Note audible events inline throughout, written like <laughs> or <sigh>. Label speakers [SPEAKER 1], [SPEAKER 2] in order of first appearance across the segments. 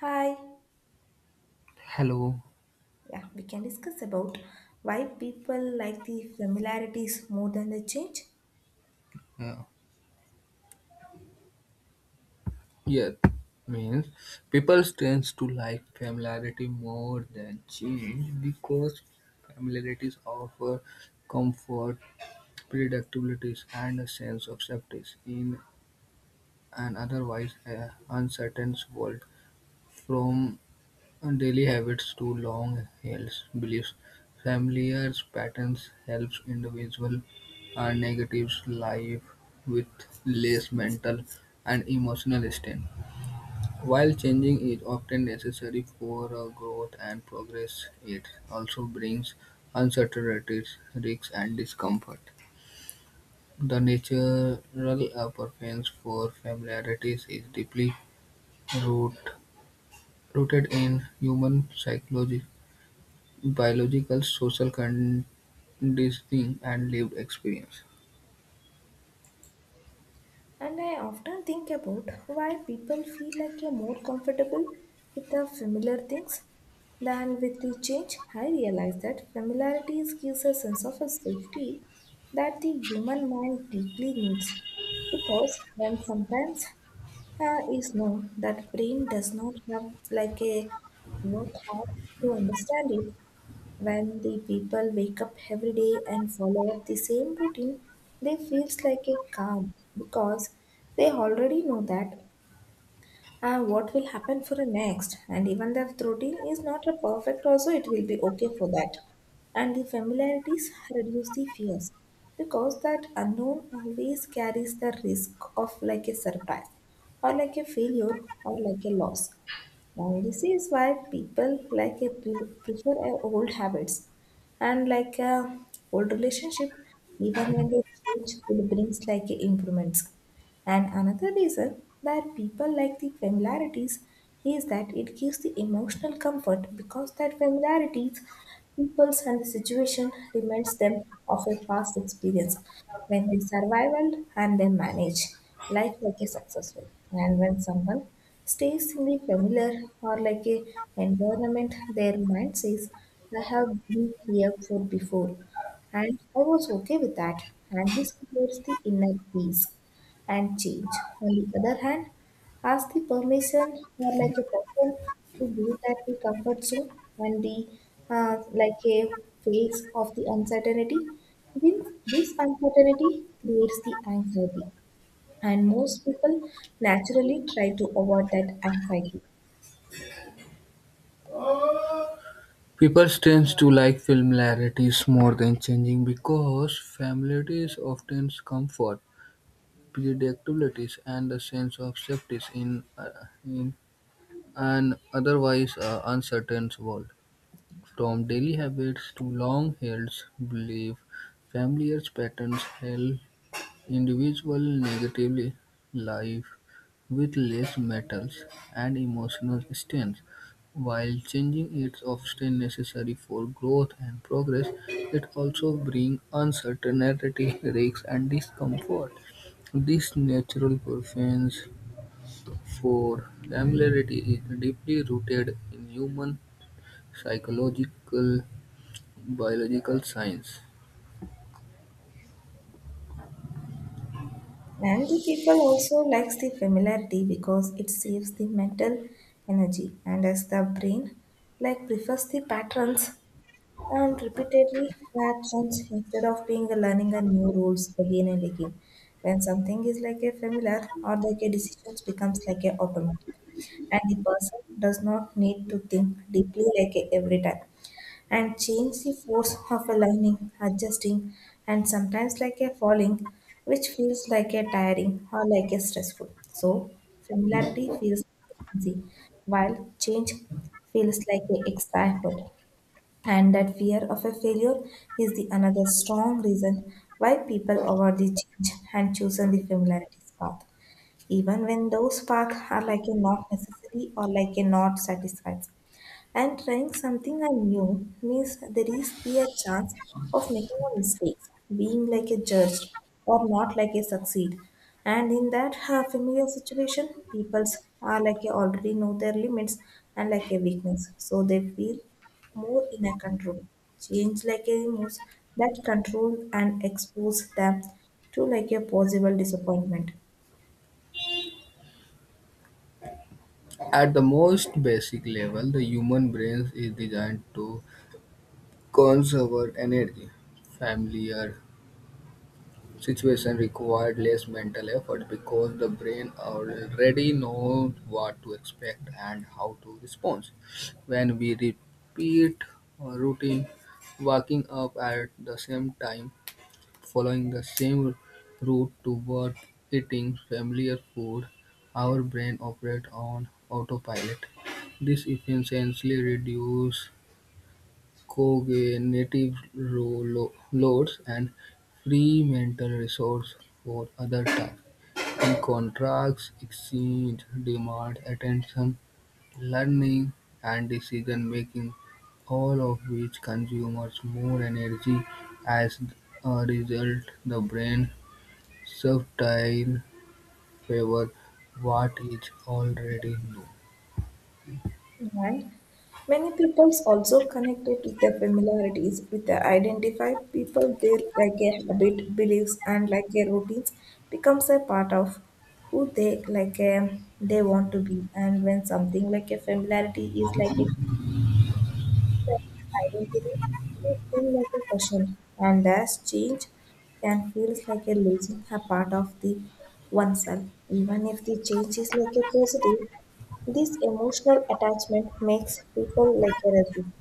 [SPEAKER 1] Hi.
[SPEAKER 2] Hello.
[SPEAKER 1] Yeah, we can discuss about why people like the familiarities more than the change.
[SPEAKER 2] Yeah. yeah. Means People tends to like familiarity more than change because familiarities offer comfort, predictability, and a sense of safety in an otherwise uncertain world. From daily habits to long-held beliefs, familiar patterns helps individual and negatives life with less mental and emotional strain. While changing is often necessary for growth and progress, it also brings uncertainties, risks, and discomfort. The natural preference for familiarity is deeply root, rooted in human psychology, biological, social conditioning, and lived experience.
[SPEAKER 1] And I often think about why people feel like they're more comfortable with the familiar things than with the change. I realize that familiarities gives a sense of a safety that the human mind deeply needs. Because when sometimes is known that brain does not have like a work hard to understand it. When the people wake up every day and follow up the same routine, they feels like a calm because they already know that what will happen for the next. And even if the routine is not a perfect, also it will be okay for that. And the familiarities reduce the fears because that unknown always carries the risk of like a surprise or like a failure or like a loss, and this is why people like a prefer a old habits and like a old relationship, even when they change, it brings like a improvements. And another reason that people like the familiarities is that it gives the emotional comfort because that familiarities, peoples and the situation reminds them of a past experience. When they survival and they manage life like a successful. And when someone stays in the familiar or like a environment, their mind says, I have been here for before and I was okay with that. And this creates the inner peace and change. On the other hand, ask the permission or like a person to leave that the comfort zone when the like a phase of the uncertainty. This, this uncertainty creates the anxiety, and most people naturally try to avoid that anxiety.
[SPEAKER 2] People tend to like familiarities more than changing because familiarities often comfort, predictabilities, and a sense of safety in an otherwise uncertain world. From daily habits to long-held beliefs, familiar patterns help individuals negatively live with less metals and emotional strength. While changing is often necessary for growth and progress, it also brings uncertainty, <laughs> risks, and discomfort. This natural preference for familiarity is deeply rooted in human psychological biological science.
[SPEAKER 1] And the people also likes the familiarity because it saves the mental energy, and as the brain like prefers the patterns and repeatedly reactions instead of being a learning a new rules again and again. When something is like a familiar or like a decisions becomes like a automatic, and the person does not need to think deeply like a every time, and change the force of a learning, adjusting, and sometimes like a falling, which feels like a tiring or like a stressful. So familiarity feels easy, while change feels like a extra effort. And that fear of a failure is the another strong reason why people avoid the change and choose the familiarities path, even when those paths are like a not necessary or like a not satisfied. And trying something new means there is be a chance of making a mistake, being like a judge or not like a succeed. And in that familiar situation, people are like a already know their limits and like a weakness, so they feel more in a control. Change like a moves that control and expose them to like a possible disappointment.
[SPEAKER 2] At the most basic level, the human brain is designed to conserve energy. Familiar situation required less mental effort because the brain already knows what to expect and how to respond. When we repeat a routine, waking up at the same time, following the same route to work, eating familiar food, our brain operates on autopilot. This essentially reduces cognitive loads and free mental resource for other tasks. In contrast, exchange demand attention, learning, and decision making, all of which consumes more energy. As a result, the brain subtile favor what is already known.
[SPEAKER 1] And many peoples also connected to their familiarities with their identify people there like a habit, beliefs, and like a routines becomes a part of who they like a, they want to be. And when something like a familiarity is like a identity is still like a question, and as change can feel like a losing a part of the oneself, even if the change is like a positive. This emotional attachment makes people like a resist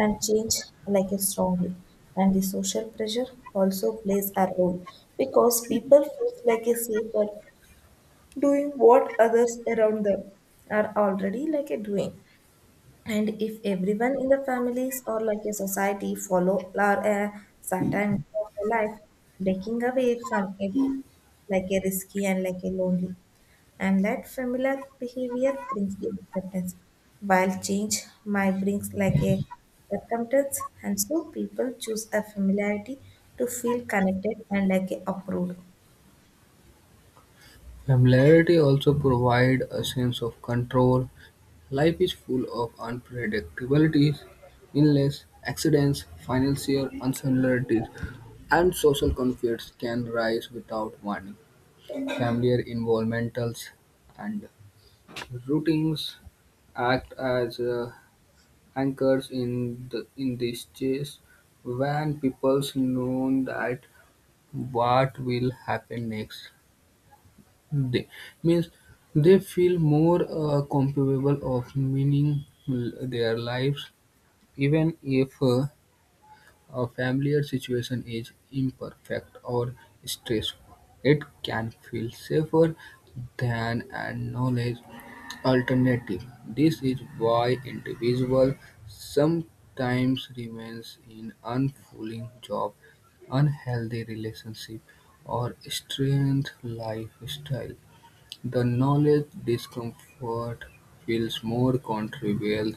[SPEAKER 1] and change like a strongly. And the social pressure also plays a role because people feel like a safer doing what others around them are already like a doing, and if everyone in the families or like a society follow or a certain way of a life, breaking away from it like a risky and like a lonely. And that familiar behavior brings the acceptance, while change might brings like a circumstance. And so people choose a familiarity to feel connected and like a approved.
[SPEAKER 2] Familiarity also provides a sense of control. Life is full of unpredictabilities, illness, accidents, financial uncertainties, and social conflicts can rise without warning. Familiar involvements and routines act as anchors in this chase. When people know that what will happen next they means they feel more capable of meaning their lives. Even if a familiar situation is imperfect or stressful, it can feel safer than a knowledge alternative. This is why individuals sometimes remains in unfulfilling job, unhealthy relationship, or strange lifestyle. The knowledge discomfort feels more contrivial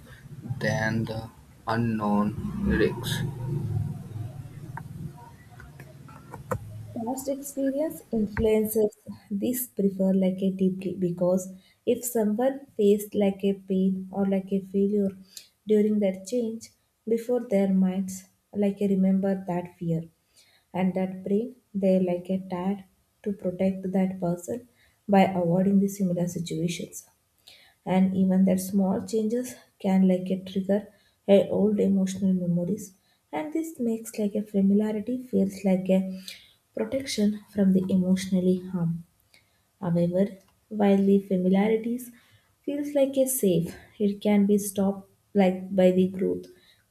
[SPEAKER 2] than the unknown risks.
[SPEAKER 1] Past experience influences this prefer like a deeply because if someone faced like a pain or like a failure during that change before their minds like a remember that fear and that brain they like a tad to protect that person by avoiding the similar situations, and even that small changes can like a trigger a old emotional memories, and this makes like a familiarity feels like a protection from the emotionally harm. However, while the familiarities feels like a safe, it can be stopped like by the growth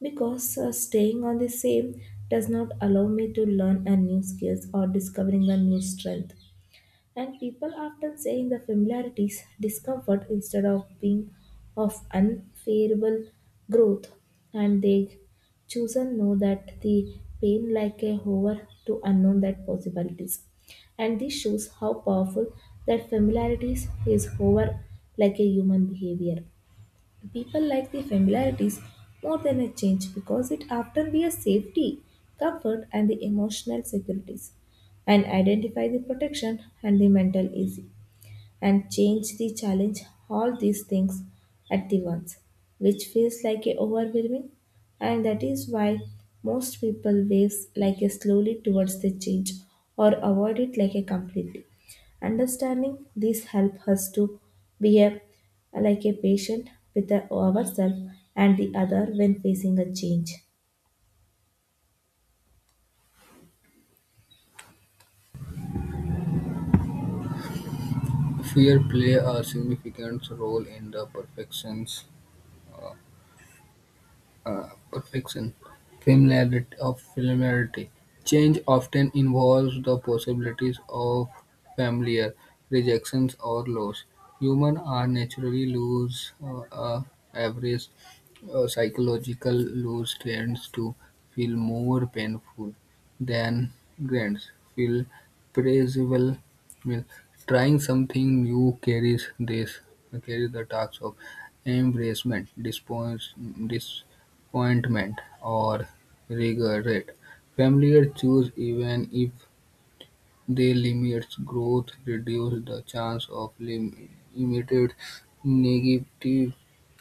[SPEAKER 1] because staying on the same does not allow me to learn a new skills or discovering a new strength, and people often say in the familiarities discomfort instead of being of unfavorable growth, and they chosen know that the pain like a hover to unknown that possibilities. And this shows how powerful that familiarities is hover like a human behavior. People like the familiarities more than a change because it often be a safety, comfort, and the emotional securities, and identify the protection and the mental easy and change the challenge all these things at the once, which feels like a overwhelming, and that is why most people waves like a slowly towards the change or avoid it like a completely. Understanding this help us to be a like a patient with ourselves and the other when facing a change.
[SPEAKER 2] Fear play a significant role in the uh, perfection of familiarity. Change often involves the possibilities of familiar rejections or loss. Humans are naturally lose average Psychological lose tends to feel more painful than grants feel pleasurable. Means trying something new carries the task of embracement, disappoint, dis ointment, or regret. Familiar choose even if they limit growth reduce the chance of limited negative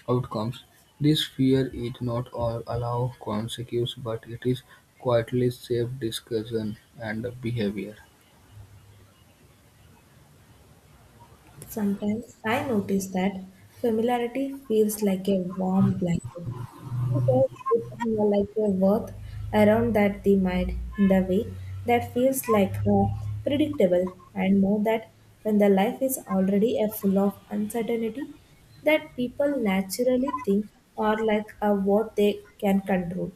[SPEAKER 2] outcomes. This fear is not all allow consequence, but it is quietly shape discussion and behavior.
[SPEAKER 1] Sometimes I notice that familiarity feels like a warm blanket, because put like your worth around that they might in the way that feels like predictable and know that when the life is already a full of uncertainty that people naturally think are like a what they can control,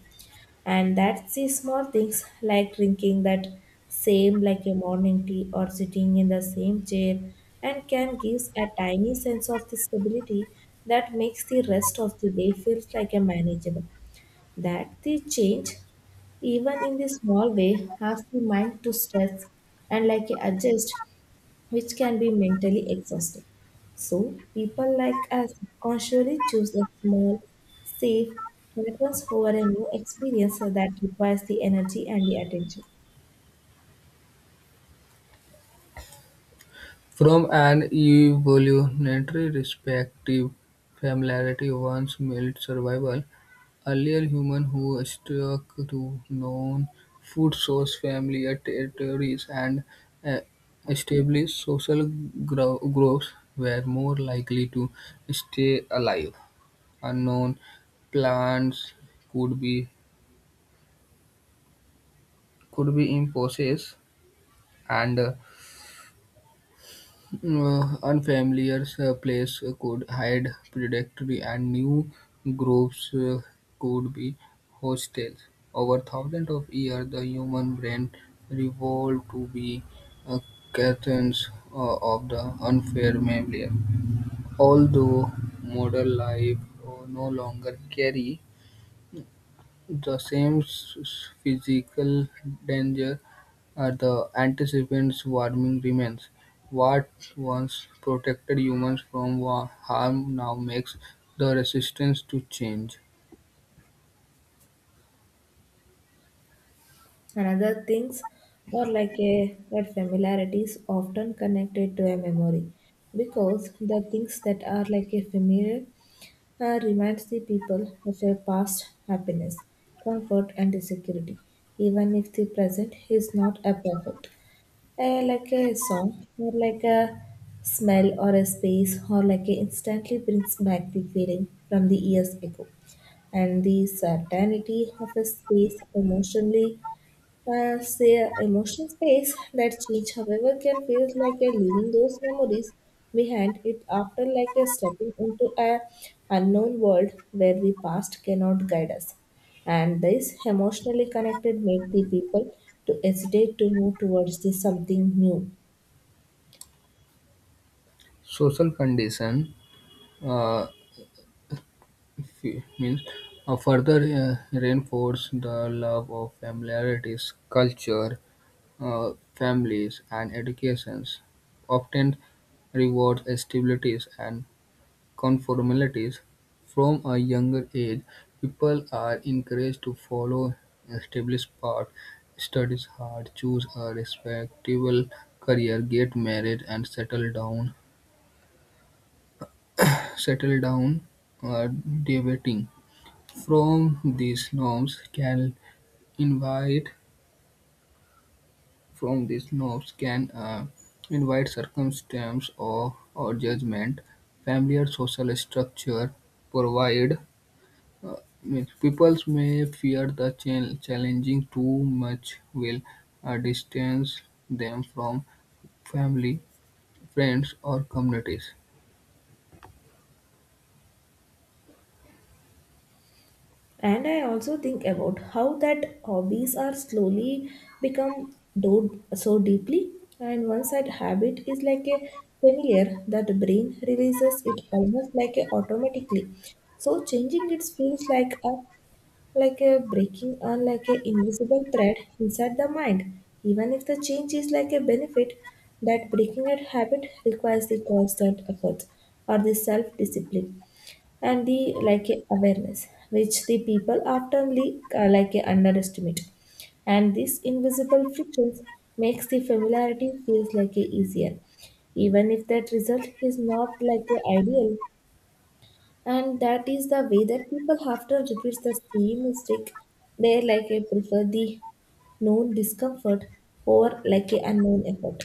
[SPEAKER 1] and that's the small things like drinking that same like a morning tea or sitting in the same chair and can give a tiny sense of the stability that makes the rest of the day feels like a manageable that the change, even in the small way, has the mind to stress and like adjust, which can be mentally exhausting. So people like us consciously choose a small, safe preference over a new experience that requires the energy and the attention.
[SPEAKER 2] From an evolutionary perspective, familiarity once meant survival. Earlier humans who stuck to known food source, familiar territories, and uh, established social groups were more likely to stay alive. Unknown plants could be could be imposed, and unfamiliar place could hide predatory and new groups could be hostile. Over thousands of years, the human brain evolved to be uh, curtains of the unfair familiar. Although modern life no longer carry the same physical danger, as the antecedent warming remains. What once protected humans from harm now makes the resistance to change.
[SPEAKER 1] Another things or like a that familiarity is often connected to a memory because the things that are like a familiar reminds the people of their past happiness, comfort, and security, even if the present is not a perfect. Like a song, or like a smell, or a space, or like a instantly brings back the feeling from the years ago, and the certainty of a space emotionally emotional space that change, however, can feel like a leaving those memories behind it after like a stepping into a unknown world where the past cannot guide us. And this emotionally connected make the people to hesitate to move towards the something new.
[SPEAKER 2] Social condition uh, f- means further reinforce the love of familiarities, culture, uh, families, and educations. Often rewards stabilities and conformities. From a younger age, people are encouraged to follow established paths, study hard, choose a respectable career, get married, and settle down. Settle down uh, debating. From these norms can invite from these norms can invite circumstance or judgment. Familiar social structure provide. Uh, means people may fear that challenging too much will distance them from family, friends, or communities.
[SPEAKER 1] And I also think about how that hobbies are slowly so deeply. And once that habit is like a familiar, that the brain releases it almost like a automatically. So changing it feels like a breaking or like a invisible thread inside the mind. Even if the change is like a benefit, that breaking a habit requires the constant effort or the self discipline and the like a awareness which the people often like a underestimate, and this invisible frictions makes the familiarity feels like a easier even if that result is not like a ideal, and that is the way that people often repeat the same mistake. They like a prefer the known discomfort over like a unknown effort.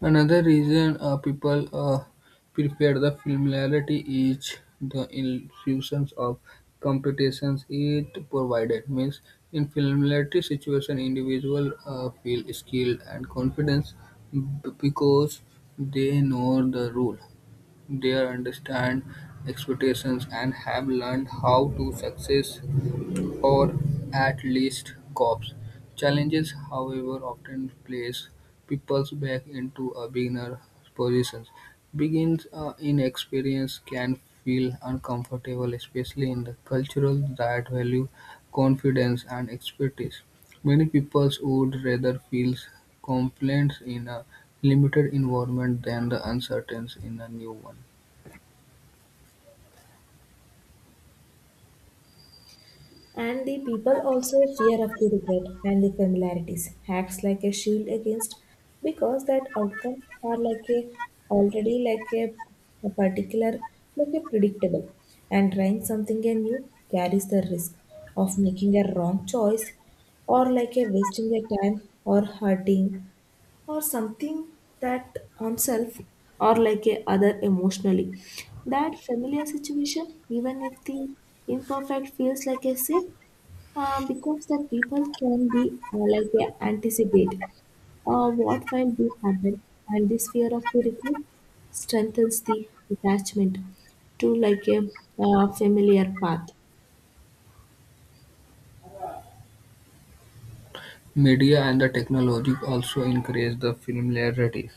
[SPEAKER 2] Another reason people prefer the familiarity is the infusion of competitions it provided. Means in familiarity situation, individual feel skilled and confidence b- because they know the rule. They understand expectations and have learned how to success, or at least cope. Challenges, however, often place people back into a beginner position. Begins Inexperience can feel uncomfortable, especially in the cultural that value confidence and expertise. Many people would rather feel complaints in a limited environment than the uncertainties in a new one.
[SPEAKER 1] And the people also fear of the regret and the familiarities acts like a shield against because that outcomes are like a already a particular like a predictable, and trying something new carries the risk of making a wrong choice or like a wasting your time or hurting or something that on self or like a other emotionally that familiar situation even if the imperfect feels like a safe because the people can be like they anticipate what will be happen, and this fear of the regret strengthens the attachment to like a familiar path.
[SPEAKER 2] Media and the technology also increase the familiarity.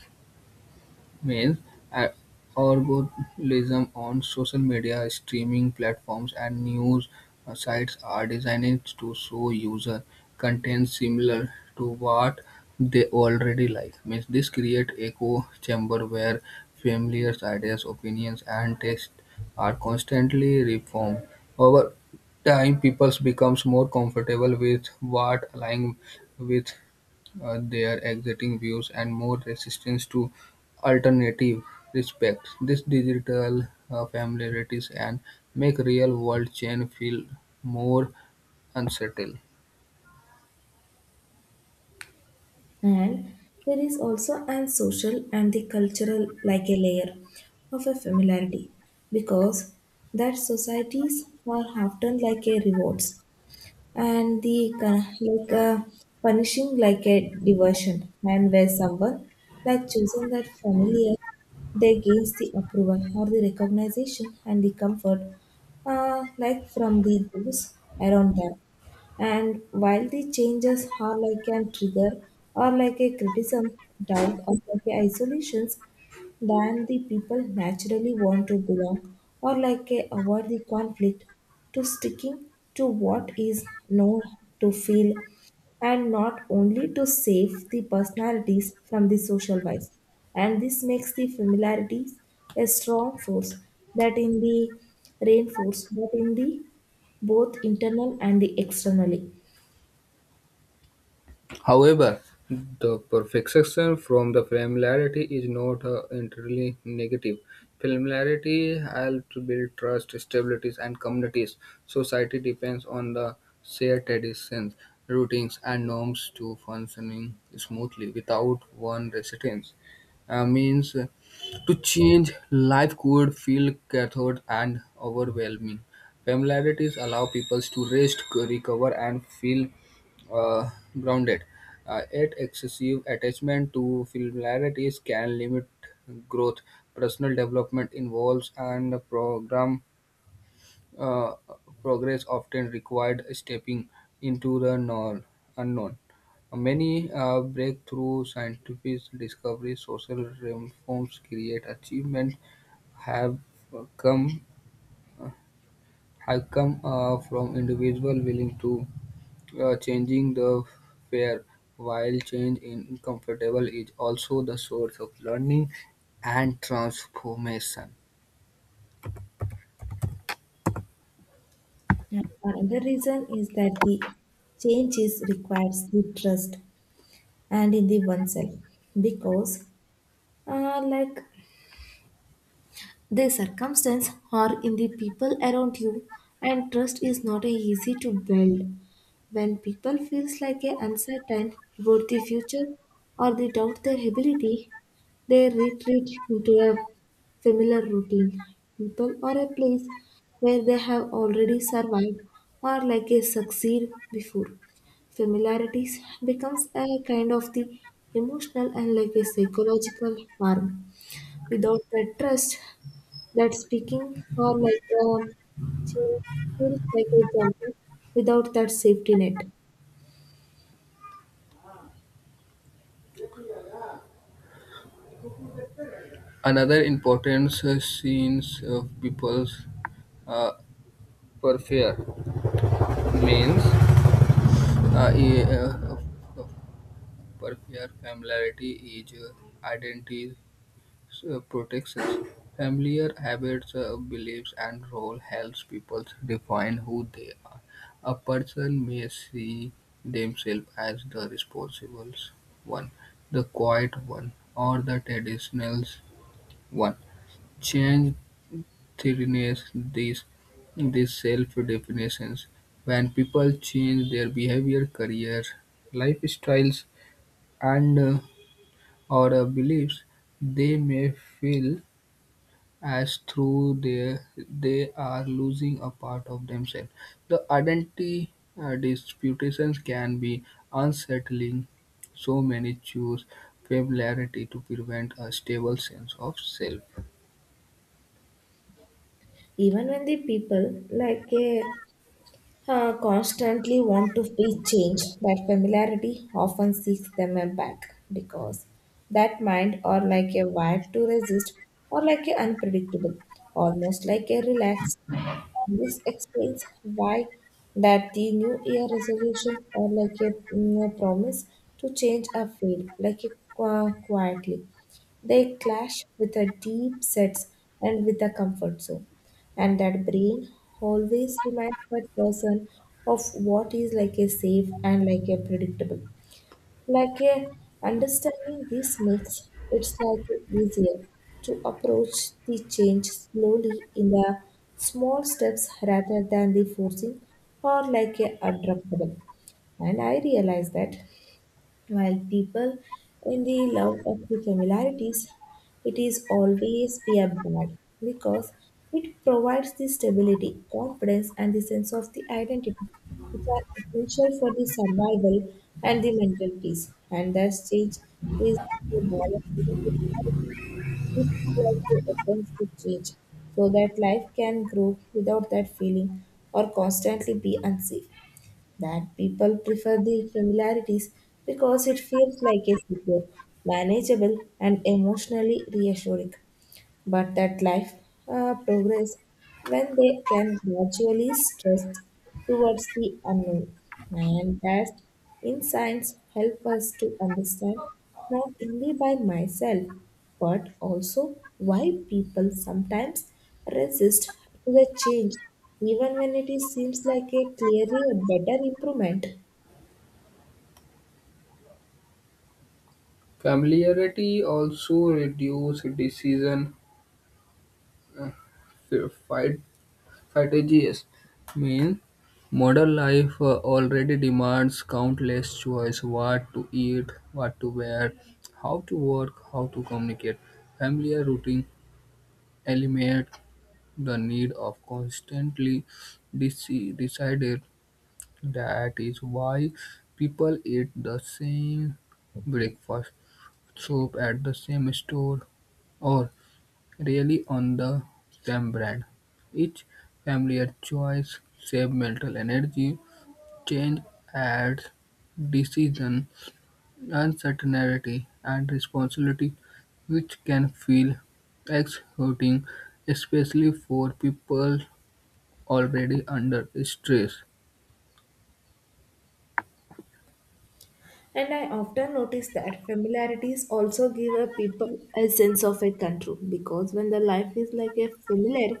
[SPEAKER 2] Male algorithms on social media, streaming platforms, and news sites are designed to show user content similar to what they already like. Means this creates echo chamber where familiar ideas, opinions, and tastes are constantly reformed. Over time, people becomes more comfortable with what align with their existing views and more resistance to alternative respects. This digital familiarities and make real world change feel more unsettled.
[SPEAKER 1] And there is also an social and the cultural like a layer of a familiarity because that societies are often like a rewards and the punishing like a diversion and where someone like chosen that familiar they gains the approval or the recognition and the comfort like from the those around them, and while the changes are like a trigger or like a criticism doubt or like a isolations than the people naturally want to belong or like a avoid the conflict to sticking to what is known to feel and not only to save the personalities from the social vice, and this makes the familiarities a strong force that in the reinforce but in the both internal and the externally.
[SPEAKER 2] However, the perfection from the familiarity is not entirely negative. Familiarity helps build trust, stabilities, and communities. Society depends on the shared traditions, routines, and norms to functioning smoothly without one resistance. Means to change life could feel cathode and overwhelming. Familiarities allow people to rest, recover, and feel uh, grounded. Yet excessive attachment to familiarities can limit growth. Personal development involves and program uh, progress often required stepping into the unknown. Many breakthrough scientific discoveries, social reforms, create achievements have come have come from individual willing to changing the fare, while change in comfortable is also the source of learning and transformation.
[SPEAKER 1] Another reason is that the changes requires the trust and in the oneself because like the circumstance or in the people around you, and trust is not a easy to build. When people feels like a uncertain about the future or they doubt their ability, they retreat into a familiar routine. People or a place where they have already survived or like a succeed before. Familiarities becomes a kind of the emotional and like a psychological harm. Without that trust, that speaking or like change feels like a jumping without that safety net.
[SPEAKER 2] Another important scenes of people's uh, peripheral means uh, e- uh, peripheral familiarity is identity protections. Familiar habits, beliefs, and role helps people define who they are. A person may see themselves as the responsible one, the quiet one, or the traditional one. Change threatens these these self definitions. When people change their behavior, career, lifestyles, and or beliefs, they may feel as through there they are losing a part of themselves. The identity disputations can be unsettling. So many choose familiarity to prevent a stable sense of self.
[SPEAKER 1] Even when the people like a constantly want to be changed, that familiarity often seeks them a back because that mind or like a wired to resist or like a unpredictable, almost like a relaxed. This explains why that the new year resolution or like a a promise to change a field like a, quietly. They clash with a deep sets and with a comfort zone, and that brain always reminds that person of what is like a safe and like a predictable like a understanding. This makes it's like easier to approach the change slowly in the small steps rather than the forcing or like a adaptable. And I realized that while people in the love of the familiarities, it is always be a bad because it provides the stability, confidence, and the sense of the identity, which are essential for the survival and the mental peace. And that stage is the balance between which really opens to change so that life can grow without that feeling or constantly be unsafe, that people prefer the familiarities because it feels like a secure, manageable, and emotionally reassuring, but that life progress when they can gradually stress towards the unknown. And that insights help us to understand not only by myself but also why people sometimes resist to the change even when it is, seems like a clearly a better improvement.
[SPEAKER 2] Familiarity also reduces decision fi- fatigues. Mean modern life already demands countless choice: what to eat, what to wear, how to work, how to communicate. Familiar routine eliminate the need of constantly decided. That is why people eat the same breakfast, soup at the same store, or really on the same brand. Each familiar choice saves mental energy, change adds decision, uncertainty and responsibility which can feel exhausting especially for people already under stress.
[SPEAKER 1] And I often notice that familiarities also give a people a sense of a control because when the life is like a familiar,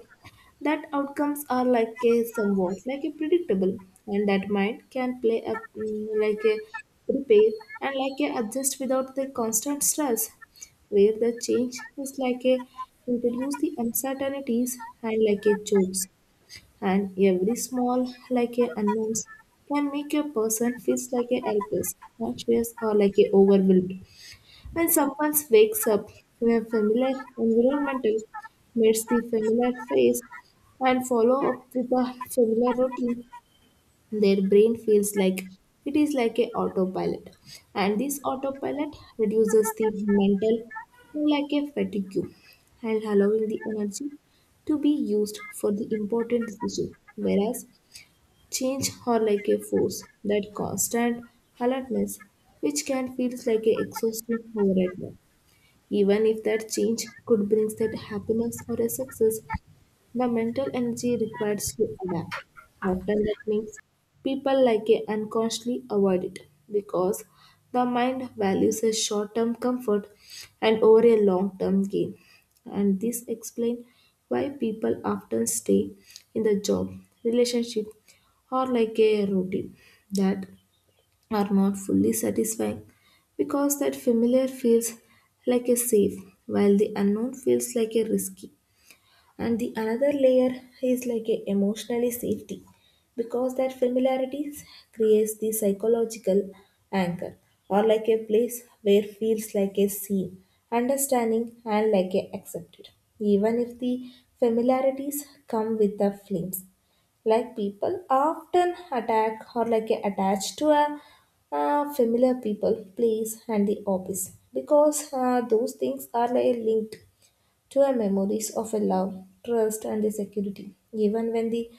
[SPEAKER 1] that outcomes are like a somewhat like a predictable, and that mind can play a like a repair and like a adjust without the constant stress, where the change is like a introduce the uncertainties and like a jokes, and every small like a unknowns can make a person feels like a helpless, anxious, or like a overwhelmed. When someone wakes up in a familiar environmental, meets the familiar face, and follow up with a familiar routine, their brain feels like it is like a autopilot, and this autopilot reduces the mental like a fatigue and allowing the energy to be used for the important decision, whereas change or like a force that constant alertness which can feel like a exhausting over at night. Even if that change could bring that happiness or a success, the mental energy required to adapt. Often that means people like it unconsciously avoid it because the mind values a short-term comfort and over a long-term gain. And this explains why people often stay in the job, relationship, or like a routine that are not fully satisfying because that familiar feels like a safe while the unknown feels like a risky, and the another layer is like a emotionally safety because that familiarity creates the psychological anchor or like a place where feels like a seen understanding and like a accepted. Even if the familiarities come with the flames, like people often attack or like a attached to a familiar people place and the office because those things are like linked True memories of a love, trust, and the security. Even when the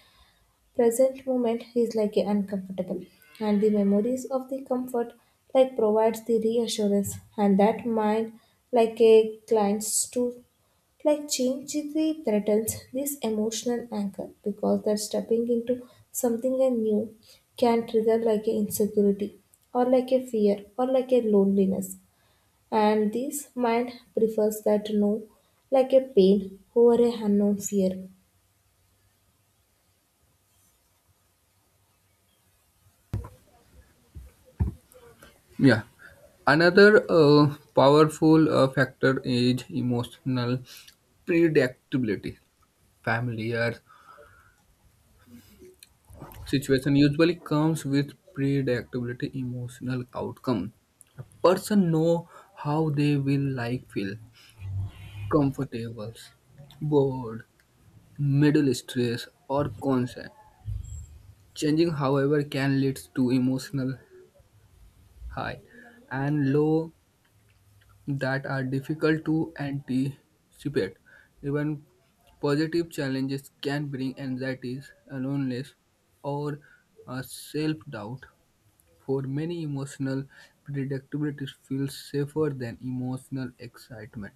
[SPEAKER 1] present moment is like a uncomfortable, and the memories of the comfort like provides the reassurance, and that mind like a clients to like change the threatens this emotional anchor because that stepping into something new can trigger like a insecurity or like a fear or like a loneliness, and this mind prefers that no like a pain over a unknown fear.
[SPEAKER 2] Yeah. Another powerful factor is emotional predictability. Familiar situation usually comes with predictability emotional outcome. A person know how they will like feel comfortable, bored, middle stress or concerned. Changing however can lead to emotional high and low that are difficult to anticipate. Even positive challenges can bring anxieties, loneliness or self doubt. For many, emotional predictability feels safer than emotional excitement.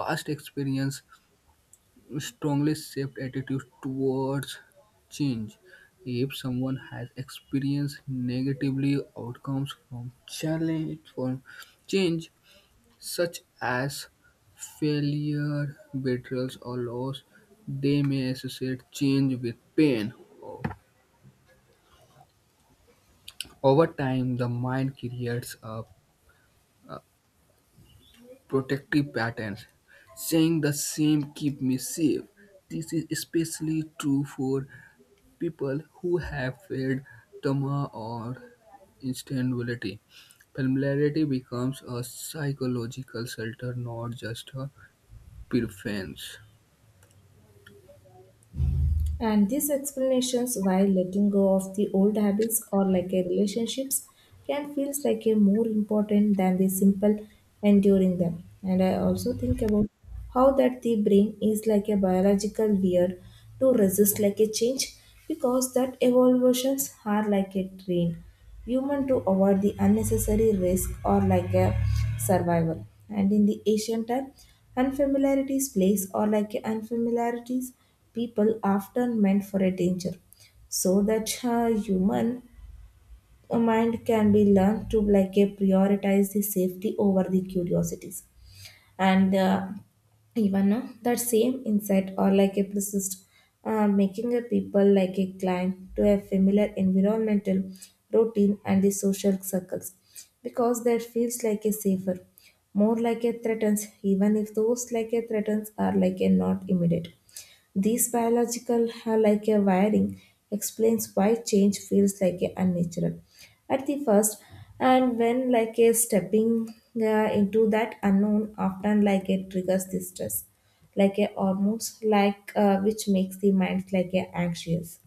[SPEAKER 2] Past experience strongly shaped attitudes towards change. If someone has experienced negatively outcomes from challenge from change, such as failure, betrayals, or loss, they may associate change with pain. Over time, the mind creates a protective patterns, saying the same keep me safe. This is especially true for people who have faced trauma or instability. Familiarity becomes a psychological shelter, not just a preference.
[SPEAKER 1] And these explanations why letting go of the old habits or like a relationships can feels like a more important than the simple enduring them. And I also think about how that the brain is like a biological weird to resist like a change because that evolutions are like a train Human to avoid the unnecessary risk or like a survival. And in the ancient time, unfamiliarities place or like a unfamiliarities people often meant for a danger. So that human mind can be learned to like a prioritize the safety over the curiosities, and even that same insight or like a persist, making a people like a climb to a familiar environmental routine and the social circles because that feels like a safer, more like a threatens even if those like a threatens are like a not immediate. This biological like a wiring explains why change feels like a unnatural at the first, and when like a stepping into that unknown often like it triggers the stress like a hormones like which makes the mind like a anxious.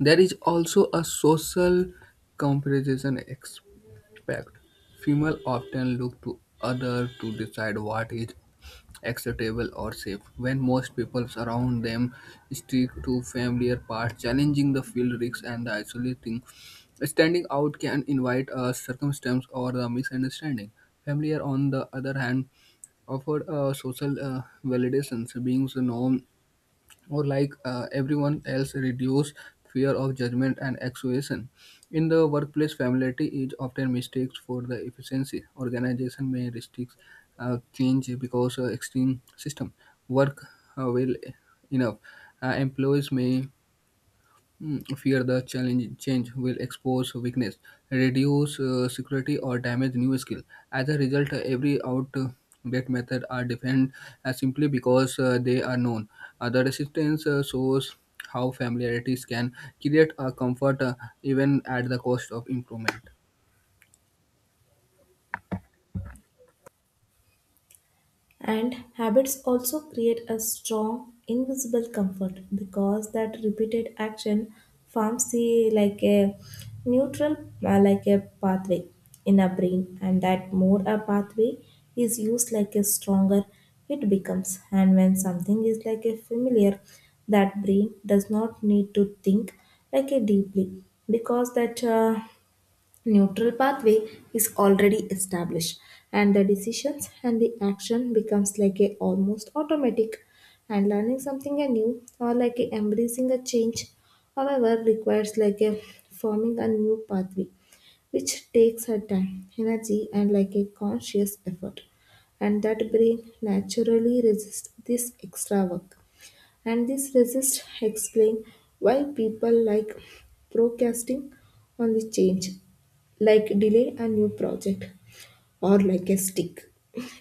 [SPEAKER 2] There is also a social comparison aspect. Female often look to other to decide what is acceptable or safe. When most people around them stick to familiar paths, challenging the field risks and the isolating standing out can invite a circumstance or a misunderstanding. Familiar on the other hand offered a social validation. Being known or like everyone else reduce fear of judgment and accusation. In the workplace, familiarity is often mistakes for the efficiency. Organization may restrict change because extreme system work well enough. Employees may fear the challenge change will expose weakness, reduce security, or damage new skill. As a result, every outdated method are defined simply because they are known. The resistance shows how familiarities can create a comfort even at the cost of improvement.
[SPEAKER 1] And habits also create a strong invisible comfort because that repeated action forms the like a neutral like a pathway in our brain, and that more a pathway is used like a stronger it becomes. And when something is like a familiar, that brain does not need to think like a deeply because that neutral pathway is already established, and the decisions and the action becomes like a almost automatic. And learning something new or like a embracing a change, however, requires like a forming a new pathway which takes a time energy and like a conscious effort, and that brain naturally resists this extra work. And this resist explain why people like procrastinating on the change, like delay a new project or like a stick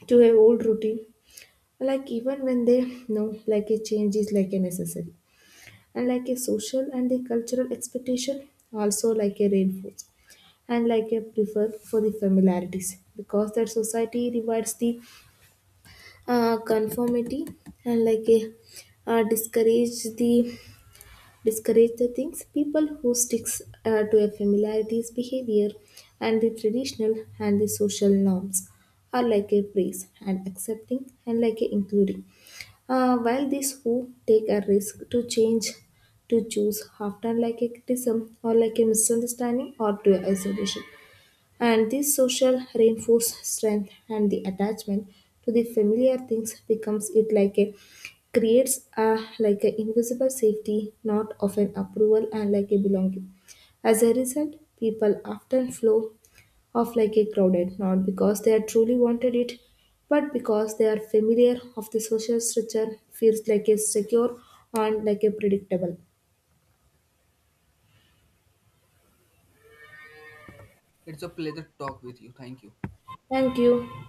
[SPEAKER 1] to a old routine, like even when they know like a change is like a necessary. And like a social and a cultural expectation also like a reinforce and like a prefer for the familiarities because that society rewards the conformity and like a uh, discourage the discourage the things people who sticks to a familiarity's behavior, and the traditional and the social norms are like a praise and accepting and like a including. While these who take a risk to change to choose often like a criticism or like a misunderstanding or to isolation, and this social reinforce strength and the attachment to the familiar things becomes it like a creates a like a invisible safety, not of an approval and like a belonging. As a result, people often flow off like a crowded, not because they are truly wanted it, but because they are familiar of the social structure, feels like a secure and like a predictable.
[SPEAKER 2] It's a pleasure to talk with you. Thank you.
[SPEAKER 1] Thank you.